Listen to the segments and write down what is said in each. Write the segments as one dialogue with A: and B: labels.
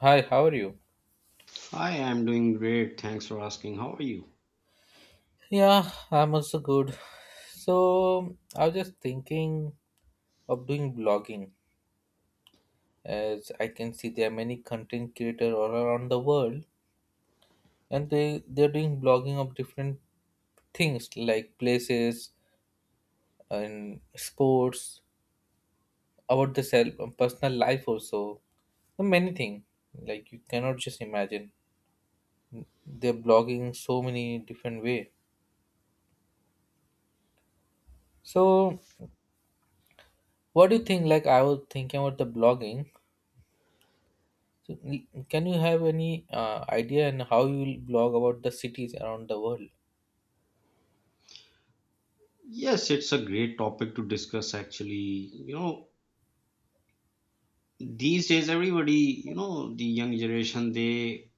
A: Hi, how are you?
B: Hi, I'm doing great. Thanks for asking. How are you?
A: Yeah, I'm also good. So, I was just thinking of doing blogging as I can see there are many content creators all around the world, and they're doing blogging of different things like places and sports, about the self, personal life also. So, many things, like, you cannot just imagine they're blogging so many different way. So, what do you think? Like, I was thinking about the blogging. So, can you have any idea on how you will blog about the cities around the world?
B: Yes, it's a great topic to discuss actually. These days everybody, the young generation they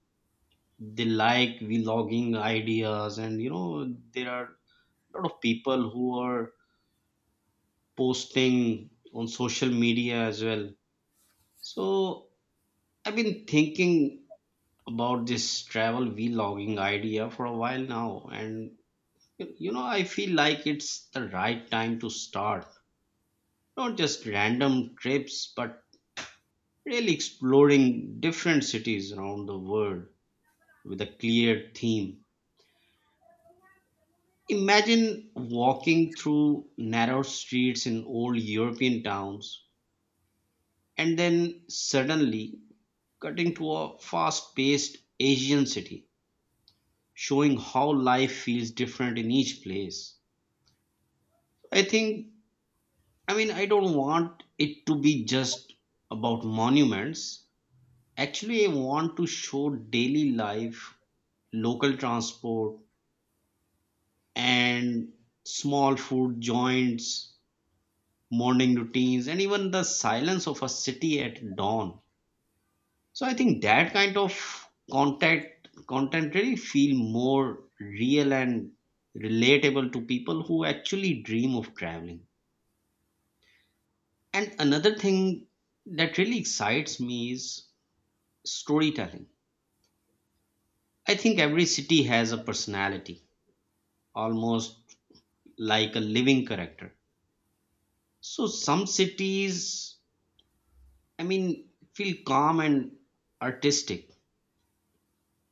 B: they like vlogging ideas, and there are a lot of people who are posting on social media as well. So, I've been thinking about this travel vlogging idea for a while now, and I feel like it's the right time to start. Not just random trips, but really exploring different cities around the world with a clear theme. Imagine walking through narrow streets in old European towns and then suddenly cutting to a fast paced Asian city, showing how life feels different in each place. I think, I mean, I don't want it to be just about monuments. Actually, I want to show daily life, local transport, and small food joints, morning routines, and even the silence of a city at dawn. So I think that kind of contact content really feel more real and relatable to people who actually dream of traveling. And another thing that really excites me is storytelling. I think every city has a personality, almost like a living character. So some cities, I mean, feel calm and artistic,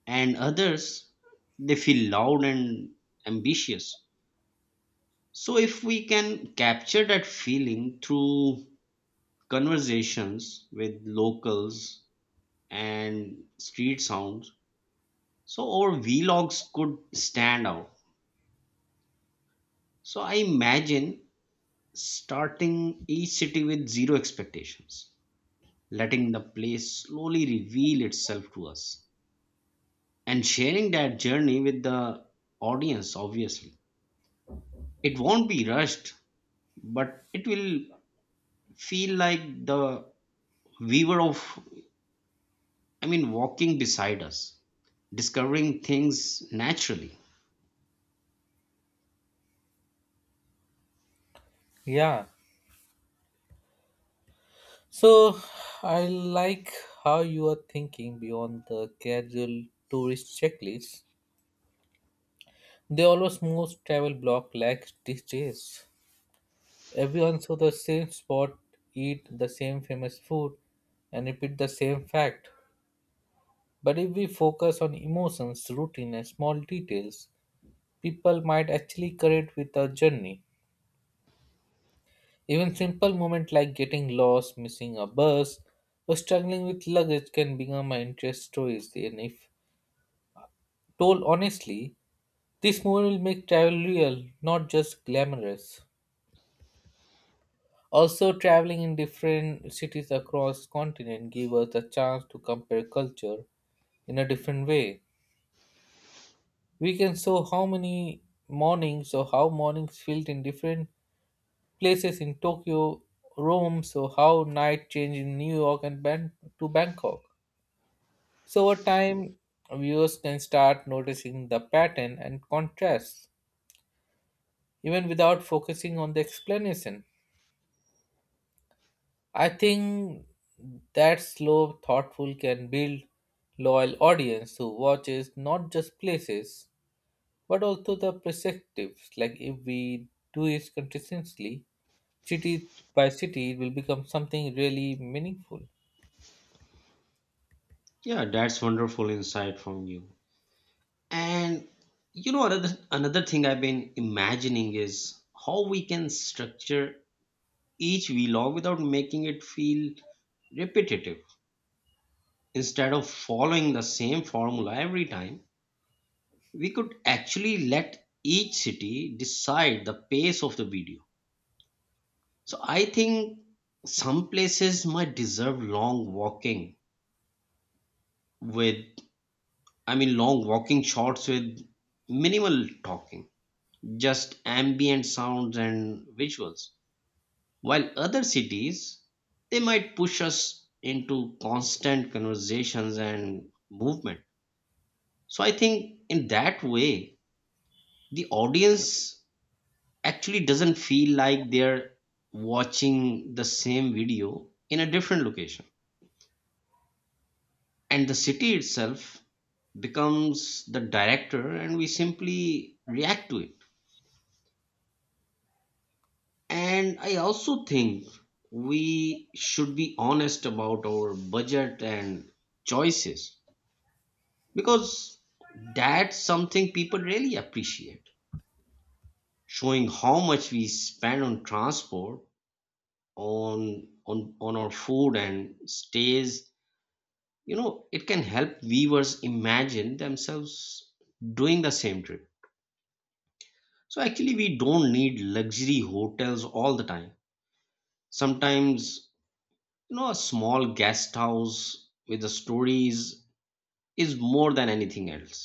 B: and others, they feel loud and ambitious. So, if we can capture that feeling through conversations with locals and street sounds, so our vlogs could stand out. So, I imagine starting each city with zero expectations, letting the place slowly reveal itself to us, and sharing that journey with the audience. Obviously it won't be rushed, but it will feel like the weaver of, I mean, walking beside us, discovering things naturally.
A: Yeah. So, I like how you are thinking beyond the casual tourist checklist. They always most travel blog lacks these days. Everyone saw the same spot, eat the same famous food, and repeat the same fact. But if we focus on emotions, routine, and small details, people might actually connect with our journey. Even simple moments like getting lost, missing a bus, or struggling with luggage can become my interest stories. And if told honestly, this movie will make travel real, not just glamorous. Also, traveling in different cities across continent give us a chance to compare culture in a different way. We can show how many mornings or how mornings felt in different places in Tokyo, Rome, so how night changed in New York and to Bangkok. So over time, viewers can start noticing the pattern and contrast, even without focusing on the explanation. I think that slow, thoughtful can build loyal audience who watches not just places, but also the perspectives. Like, if we do it consistently, city by city, it will become something really meaningful.
B: Yeah, that's wonderful insight from you. And you know, another thing I've been imagining is how we can structure each vlog without making it feel repetitive. Instead of following the same formula every time, we could actually let each city decide the pace of the video. So I think some places might deserve long walking with, I mean, long walking shots with minimal talking, just ambient sounds and visuals. While other cities, they might push us into constant conversations and movement. So I think in that way, the audience actually doesn't feel like they're watching the same video in a different location. And the city itself becomes the director, and we simply react to it. And I also think we should be honest about our budget and choices, because that's something people really appreciate. Showing how much we spend on transport, on our food and stays, it can help viewers imagine themselves doing the same trip. So actually, we don't need luxury hotels all the time. Sometimes, a small guest house with the stories is more than anything else.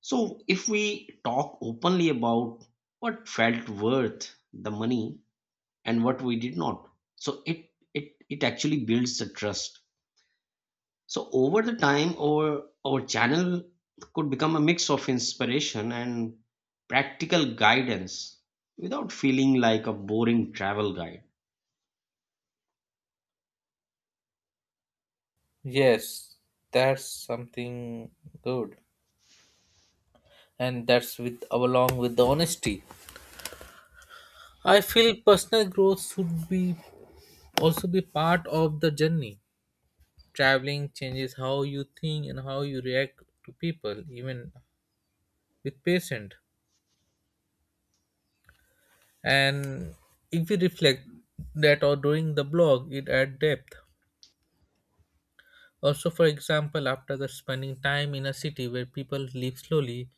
B: So if we talk openly about what felt worth the money and what we did not, so it actually builds the trust. So over the time, our channel could become a mix of inspiration and practical guidance without feeling like a boring travel guide.
A: Yes, that's something good, and that's with along with the honesty. I feel personal growth should be also be part of the journey. Traveling changes how you think and how you react to people, even with patient. And if we reflect that or doing the blog, it adds depth. Also, for example, after the spending time in a city where people live slowly,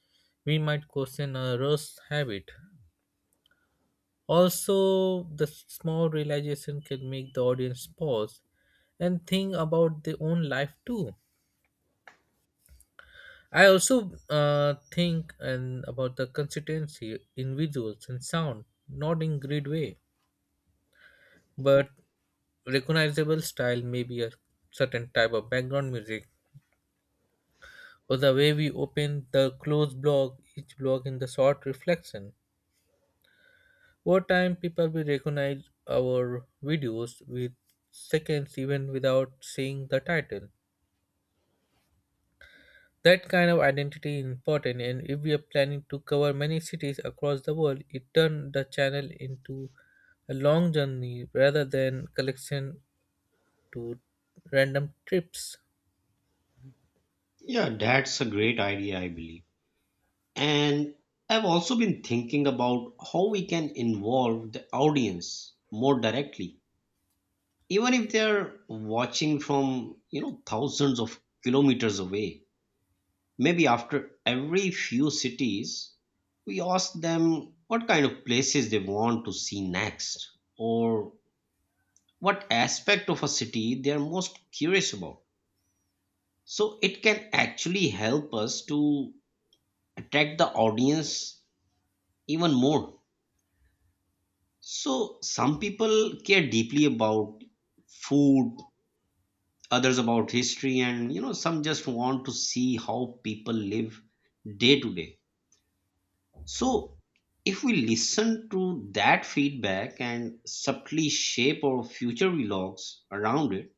A: we might question a rush habit. Also, the small realization can make the audience pause and think about their own life too. I also think and about the consistency in visuals and sound, not in great way, but recognizable style may be a certain type of background music or the way we open the close block, each block in the short reflection. Over time, people will recognize our videos with seconds even without seeing the title. That kind of identity is important, and if we are planning to cover many cities across the world, it turns the channel into a long journey rather than collection to random trips.
B: Yeah, that's a great idea, I believe. And I've also been thinking about how we can involve the audience more directly, even if they're watching from, thousands of kilometers away. Maybe after every few cities, we ask them what kind of places they want to see next, or what aspect of a city they are most curious about. So it can actually help us to attract the audience even more. So some people care deeply about food, others about history, and some just want to see how people live day to day. So, if we listen to that feedback and subtly shape our future vlogs around it,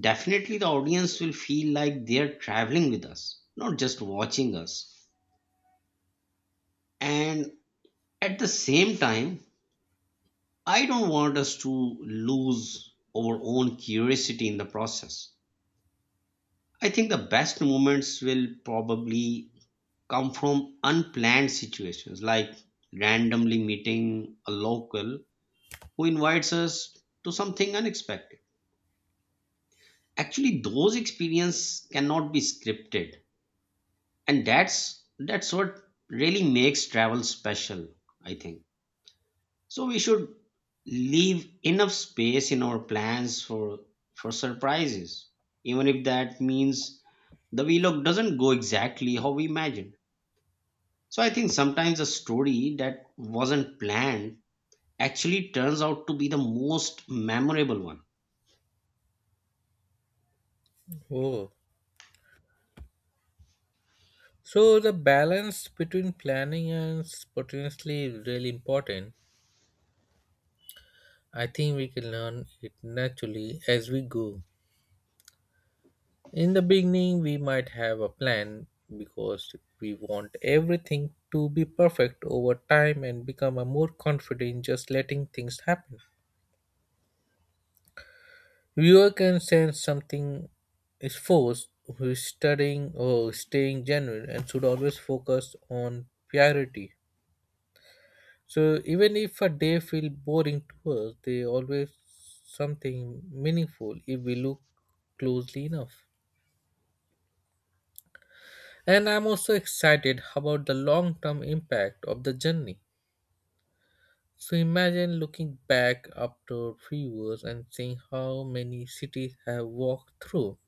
B: definitely the audience will feel like they're traveling with us, not just watching us. And at the same time, I don't want us to lose our own curiosity in the process. I think the best moments will probably come from unplanned situations, like randomly meeting a local who invites us to something unexpected. Actually, those experiences cannot be scripted, and that's what really makes travel special, I think. So we should leave enough space in our plans for surprises, even if that means the vlog doesn't go exactly how we imagined. So I think sometimes a story that wasn't planned actually turns out to be the most memorable one.
A: Oh, so the balance between planning and spontaneously is really important. I think we can learn it naturally as we go. In the beginning, we might have a plan because we want everything to be perfect over time and become a more confident in just letting things happen. Viewer can sense something is forced, who is studying or staying genuine and should always focus on purity. So even if a day feel boring to us, they always something meaningful if we look closely enough. And I'm also excited about the long term impact of the journey. So imagine looking back after 3 years and seeing how many cities have walked through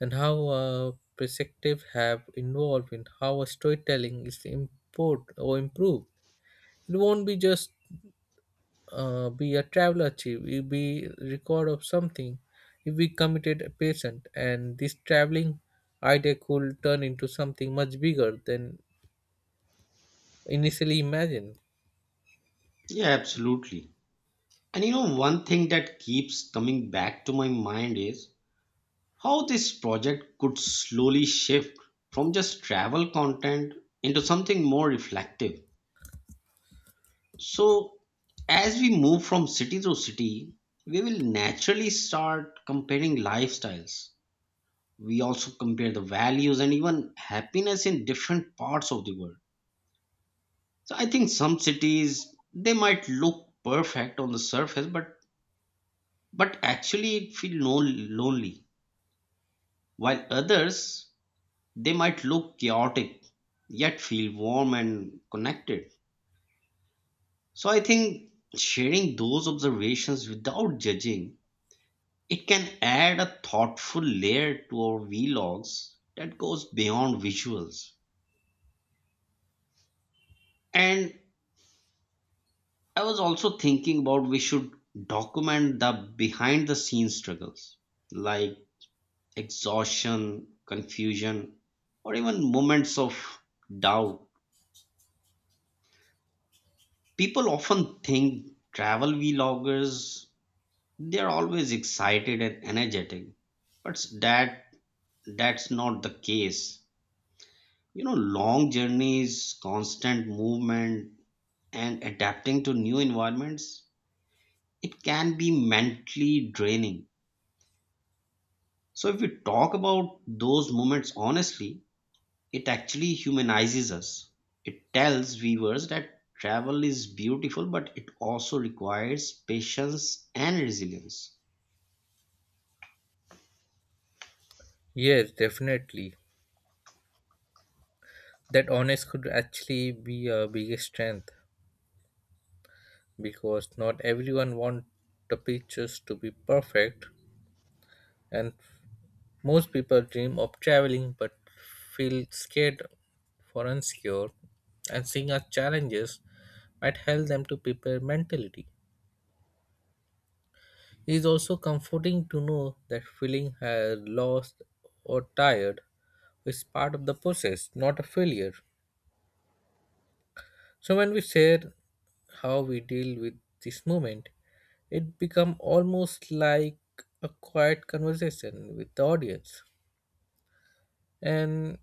A: and how perspectives have evolved, in how our storytelling is improved or improved. It won't be just be a traveler trip, it'll be record of something. If we committed a patient, and this traveling idea could turn into something much bigger than initially imagined.
B: Yeah, absolutely. And you know, one thing that keeps coming back to my mind is how this project could slowly shift from just travel content into something more reflective. So, as we move from city to city, we will naturally start comparing lifestyles. We also compare the values and even happiness in different parts of the world. So, I think some cities they might look perfect on the surface, but actually it feel no lonely. While others, they might look chaotic yet feel warm and connected. So I think sharing those observations without judging, it can add a thoughtful layer to our vlogs that goes beyond visuals. And I was also thinking about we should document the behind the scenes struggles, like exhaustion, confusion, or even moments of doubt. People often think travel vloggers they're always excited and energetic, but that's not the case. You know, long journeys, constant movement, and adapting to new environments, it can be mentally draining. So if we talk about those moments honestly, it actually humanizes us. It tells viewers that travel is beautiful, but it also requires patience and resilience.
A: Yes, definitely. That honest could actually be a biggest strength because not everyone want the pictures to be perfect, and most people dream of traveling but feel scared for insecure, and seeing our challenges might help them to prepare mentally. It is also comforting to know that feeling has lost or tired is part of the process, not a failure. So when we share how we deal with this moment, it become almost like a quiet conversation with the audience. And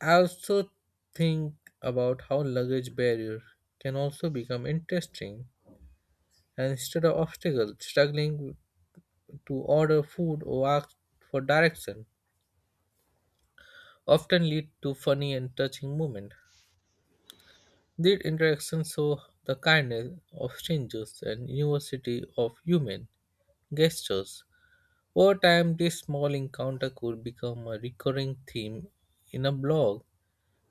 A: I also think about how luggage barrier can also become interesting. And instead of obstacles, struggling to order food or ask for direction often lead to funny and touching moments. These interactions show the kindness of strangers and university of human gestures. Over time, this small encounter could become a recurring theme in a blog,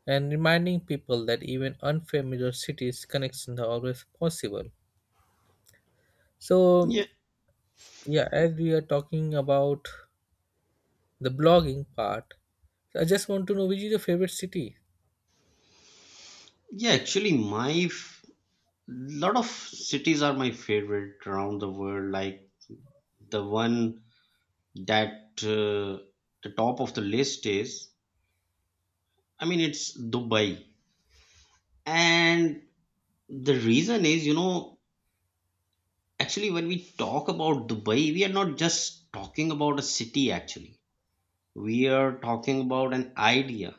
A: and reminding people that even unfamiliar cities' connections are always possible. So,
B: Yeah,
A: yeah, as we are talking about the blogging part, I just want to know, which is your favorite city?
B: yeah, actually, lot of cities are my favorite around the world. Like the one that the top of the list is, I mean, it's Dubai. And the reason is, actually, when we talk about Dubai, we are not just talking about a city, actually. We are talking about an idea,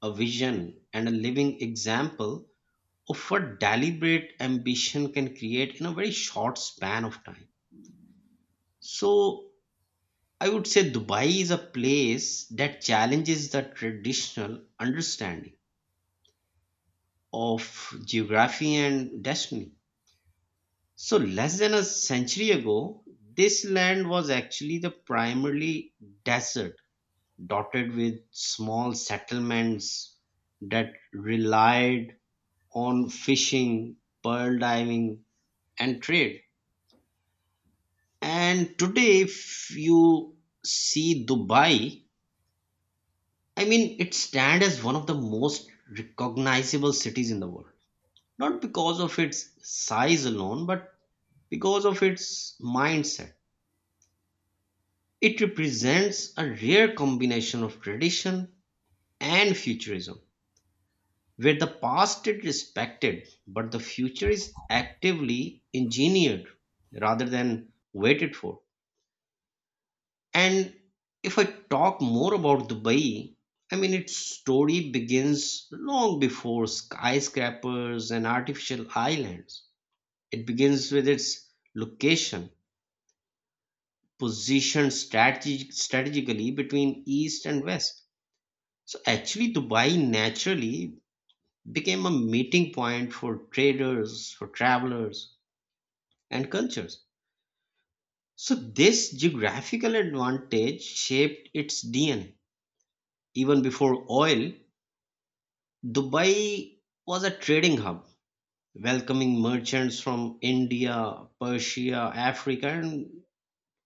B: a vision, and a living example of what deliberate ambition can create in a very short span of time. So I would say Dubai is a place that challenges the traditional understanding of geography and destiny. So less than a century ago, this land was actually the primarily desert, dotted with small settlements that relied on fishing, pearl diving, and trade. And today, if you see Dubai, I mean, it stands as one of the most recognizable cities in the world, not because of its size alone, but because of its mindset. It represents a rare combination of tradition and futurism, where the past is respected, but the future is actively engineered rather than waited for. And if I talk more about Dubai, I mean, its story begins long before skyscrapers and artificial islands. It begins with its location, positioned strategically between East and West. So, actually, Dubai naturally became a meeting point for traders, for travelers, and cultures. So, this geographical advantage shaped its DNA. Even before oil, Dubai was a trading hub, welcoming merchants from India, Persia, Africa, and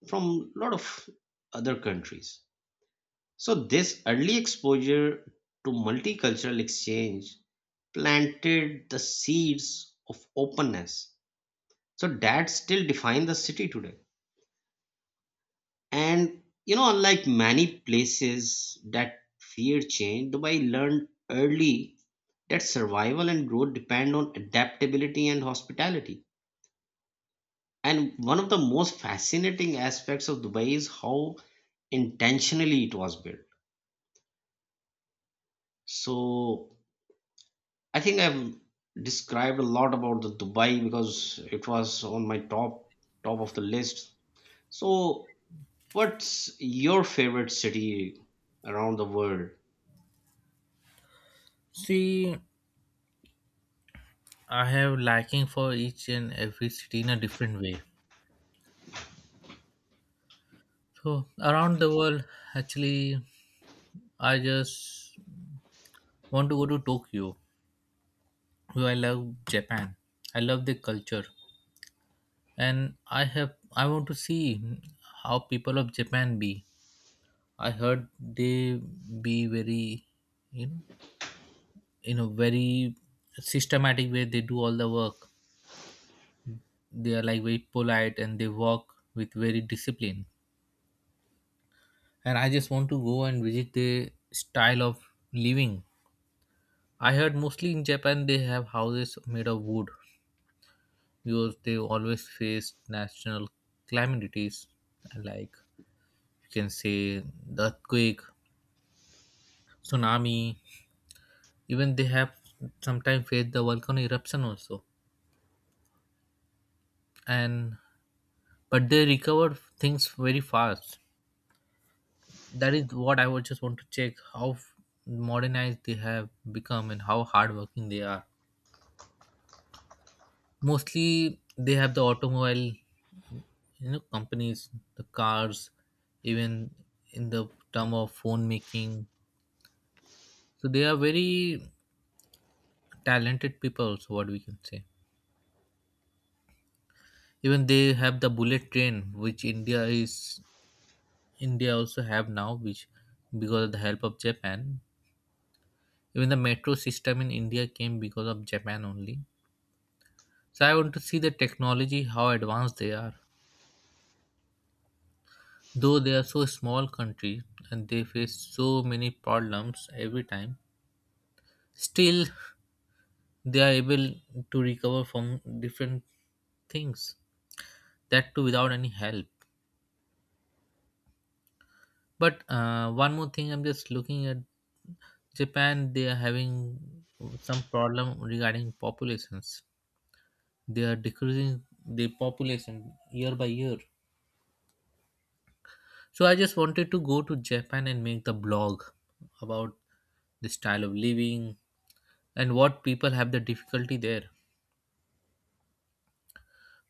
B: from a lot of other countries. So, this early exposure to multicultural exchange planted the seeds of openness. So, that still defines the city today. And, unlike many places that fear change, Dubai learned early. Its survival and growth depend on adaptability and hospitality. And one of the most fascinating aspects of Dubai is how intentionally it was built. So I think I've described a lot about the Dubai because it was on my top of the list. So what's your favorite city around the world?
A: See, I have liking for each and every city in a different way. So around the world, actually, I just want to go to Tokyo. Well, I love Japan. I love the culture, and I want to see how people of Japan be. I heard they be very, you know, in a very systematic way. They do all the work. They are like very polite and they walk with very discipline. And I just want to go and visit the style of living. I heard mostly in Japan they have houses made of wood because they always face national calamities like, you can say, the earthquake, tsunami. Even they have sometimes faced the volcano eruption also. And but they recover things very fast. That is what I would just want to check, how modernized they have become and how hardworking they are. Mostly, they have the automobile, you know, companies, the cars, even in the term of phone making. So they are very talented people also, what we can say. Even they have the bullet train, which India also have now, which because of the help of Japan. Even the metro system in India came because of Japan only. So I want to see the technology, how advanced they are, though they are so small country and they face so many problems every time. Still, they are able to recover from different things, that too without any help. But one more thing I'm just looking at, Japan, they are having some problem regarding populations. They are decreasing the population year by year. So I just wanted to go to Japan and make the blog about the style of living and what people have the difficulty there.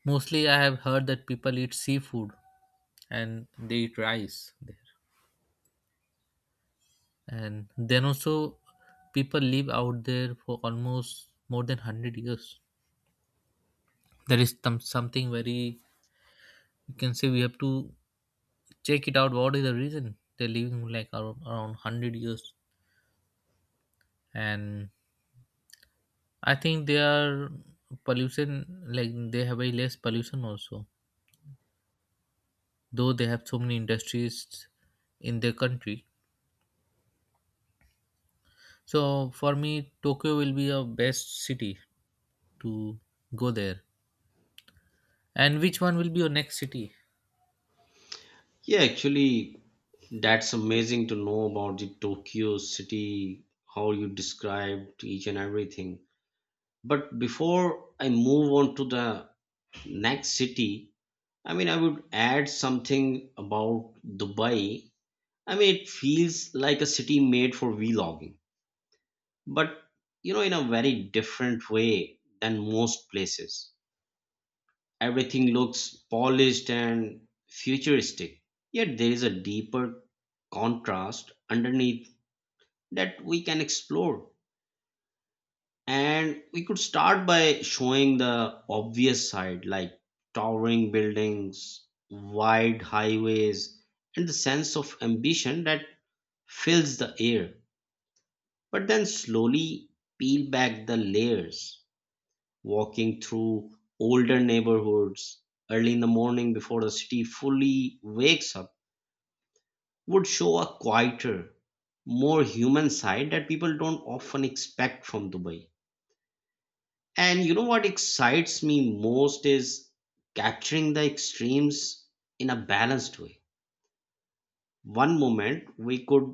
A: Mostly, I have heard that people eat seafood and they eat rice there. And then also, people live out there for almost more than 100 years. That is some something very, you can say, we have to check it out what is the reason they're living like around 100 years. And I think they are pollution, like they have very less pollution also, though they have so many industries in their country. So for me, Tokyo will be a best city to go there. And which one will be your next city?
B: Yeah, actually, that's amazing to know about the Tokyo city, how you described each and everything. But before I move on to the next city, I mean, I would add something about Dubai. I mean, it feels like a city made for vlogging, but in a very different way than most places. Everything looks polished and futuristic, yet there is a deeper contrast underneath that we can explore. And we could start by showing the obvious side, like towering buildings, wide highways, and the sense of ambition that fills the air. But then slowly peel back the layers. Walking through older neighborhoods early in the morning before the city fully wakes up would show a quieter, more human side that people don't often expect from Dubai. And you know what excites me most is capturing the extremes in a balanced way. One moment we could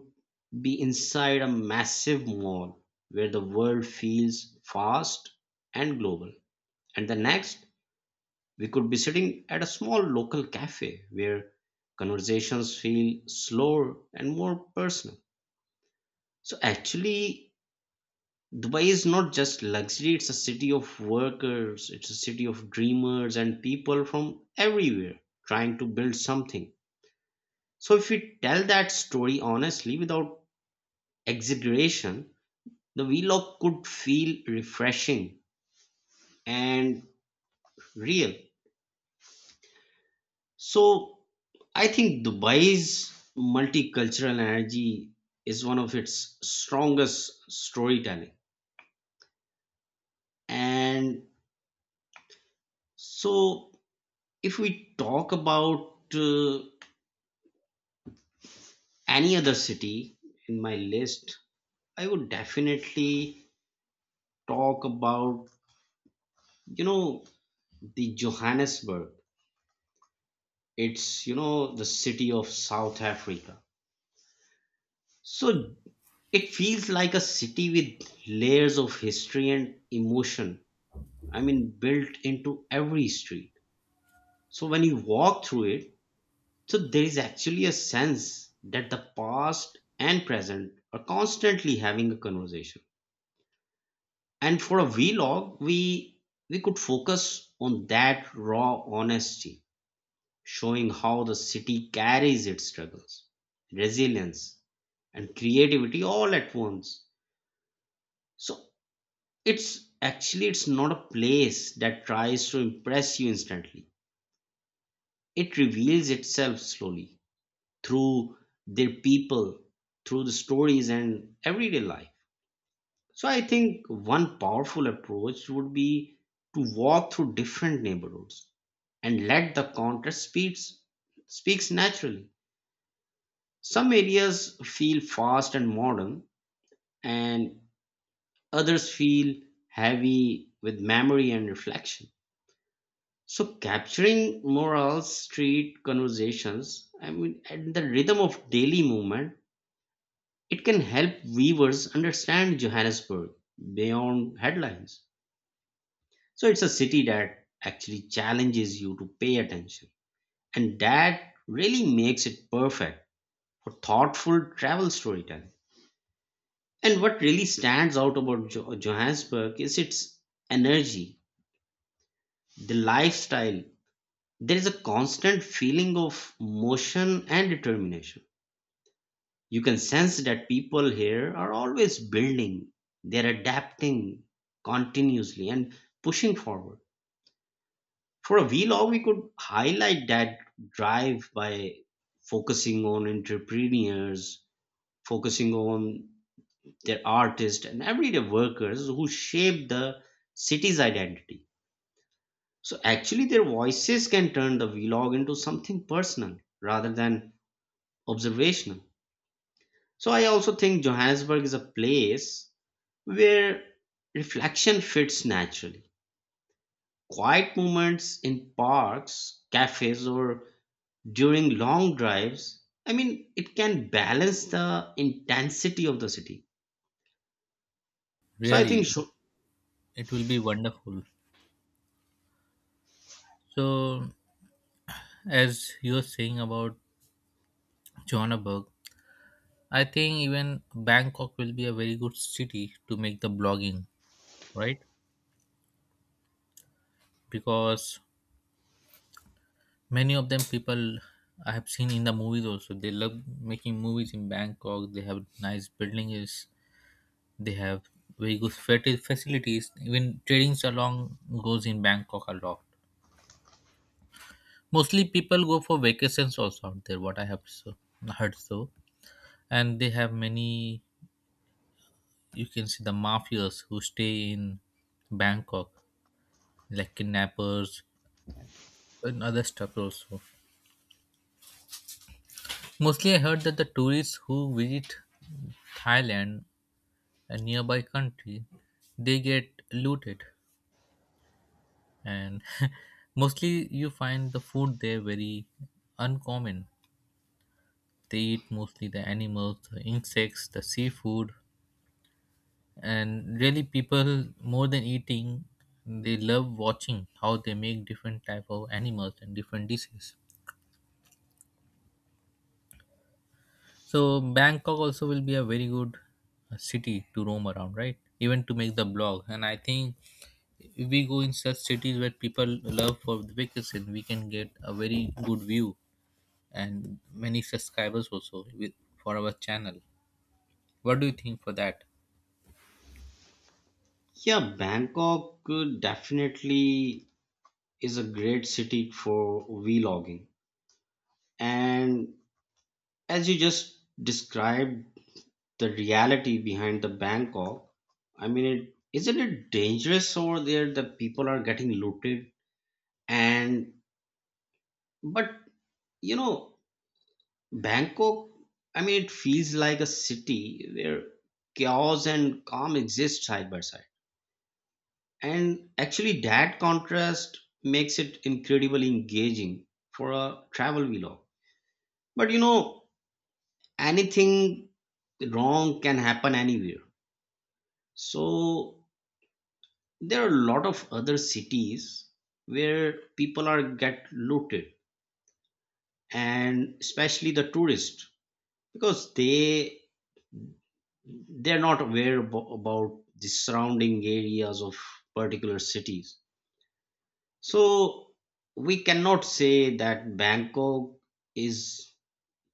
B: be inside a massive mall where the world feels fast and global. And the next, we could be sitting at a small local cafe where conversations feel slower and more personal. So, actually, Dubai is not just luxury, it's a city of workers, it's a city of dreamers and people from everywhere trying to build something. So, if we tell that story honestly without exaggeration, the vlog could feel refreshing and real. So, I think Dubai's multicultural energy is one of its strongest storytelling. And so, if we talk about any other city in my list, I would definitely talk about, you know, the Johannesburg. It's, you know, the city of South Africa. So it feels like a city with layers of history and emotion, I mean, built into every street. So when you walk through it, so there is actually a sense that the past and present are constantly having a conversation. And for a vlog, we could focus on that raw honesty, showing how the city carries its struggles, resilience, and creativity all at once. So it's actually it's not a place that tries to impress you instantly. It reveals itself slowly through their people, through the stories and everyday life. So I think one powerful approach would be to walk through different neighborhoods and let the contrast speaks naturally. Some areas feel fast and modern, and others feel heavy with memory and reflection. So capturing moral street conversations, I mean, and the rhythm of daily movement, it can help viewers understand Johannesburg beyond headlines. So it's a city that actually challenges you to pay attention. And that really makes it perfect for thoughtful travel storytelling. And what really stands out about Johannesburg is its energy, the lifestyle. There is a constant feeling of motion and determination. You can sense that people here are always building, they're adapting continuously and pushing forward. For a vlog, we could highlight that drive by focusing on entrepreneurs, focusing on their artists and everyday workers who shape the city's identity. So actually, their voices can turn the vlog into something personal rather than observational. So I also think Johannesburg is a place where reflection fits naturally. Quiet moments in parks, cafes, or during long drives, I mean, it can balance the intensity of the city. so i think
A: Really,
B: So,
A: it will be wonderful. So as you're saying about Johannesburg, I think even Bangkok will be a very good city to make the blogging, right? Because many of them people I have seen in the movies also, they love making movies in Bangkok. They have nice buildings, they have very good facilities. Even trading salon goes in Bangkok a lot. Mostly people go for vacations also out there, what I have, heard. So, and they have many, you can see the mafias who stay in Bangkok, like kidnappers and other stuff also. Mostly I heard that the tourists who visit Thailand, a nearby country, they get looted, and mostly you find the food there very uncommon. They eat mostly the animals, the insects, the seafood, and really people, more than eating, they love watching how they make different type of animals and different dishes. So Bangkok also will be a very good city to roam around, right? Even to make the blog. And I think if we go in such cities where people love for the vacation, we can get a very good view and many subscribers also with, for our channel. What do you think for that?
B: yeah, Bangkok could definitely is a great city for vlogging, and as you just described the reality behind the Bangkok, I mean, it isn't it dangerous over there, the people are getting looted and but you know Bangkok, I mean, it feels like a city where chaos and calm exist side by side. And actually, that contrast makes it incredibly engaging for a travel vlog. But you know, anything wrong can happen anywhere. So there are a lot of other cities where people are get looted, and especially the tourists, because they're not aware about the surrounding areas of particular cities. So we cannot say that Bangkok is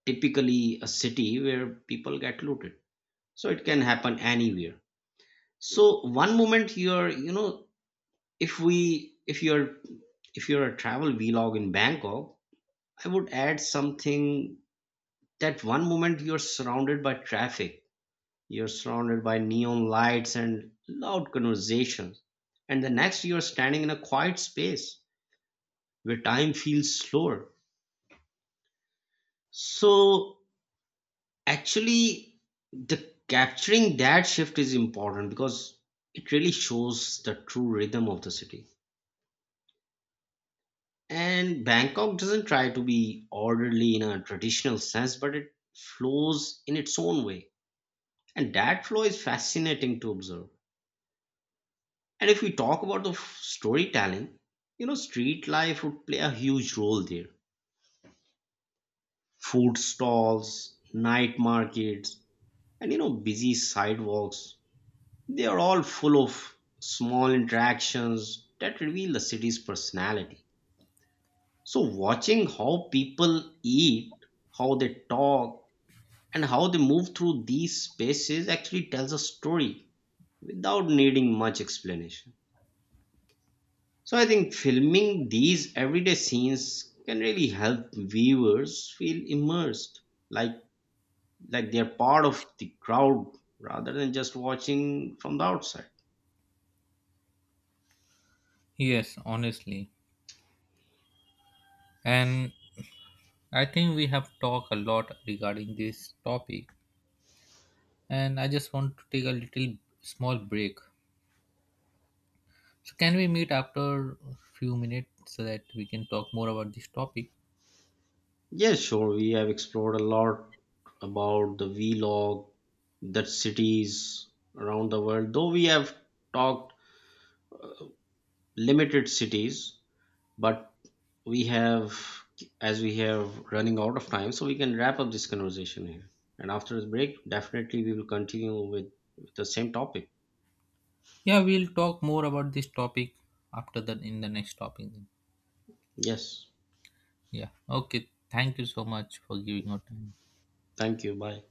B: typically a city where people get looted. So it can happen anywhere. So one moment you're, you know, if we, if you're, if you're a travel vlog in Bangkok, I would add something that one moment you're surrounded by traffic. You're surrounded by neon lights and loud conversations. And the next you're standing in a quiet space where time feels slower. So actually the capturing that shift is important because it really shows the true rhythm of the city. And Bangkok doesn't try to be orderly in a traditional sense, but it flows in its own way. And that flow is fascinating to observe. And if we talk about the storytelling, you know, street life would play a huge role there. Food stalls, night markets, and you know, busy sidewalks. They are all full of small interactions that reveal the city's personality. So, watching how people eat, how they talk, and how they move through these spaces actually tells a story without needing much explanation. So I think filming these everyday scenes can really help viewers feel immersed, like they're part of the crowd rather than just watching from the outside.
A: Yes, honestly. And I think we have talked a lot regarding this topic. And I just want to take a little small break. So can we meet after few minutes so that we can talk more about this topic?
B: Yes, sure, we have explored a lot about the vlog, the cities around the world, though we have talked limited cities, but we have as we have running out of time, so we can wrap up this conversation here and after the break definitely we will continue with, the same topic.
A: Yeah, we'll talk more about this topic after the in the next topic.
B: Yes,
A: Yeah. Okay. Thank you so much for giving your time.
B: thank you, bye.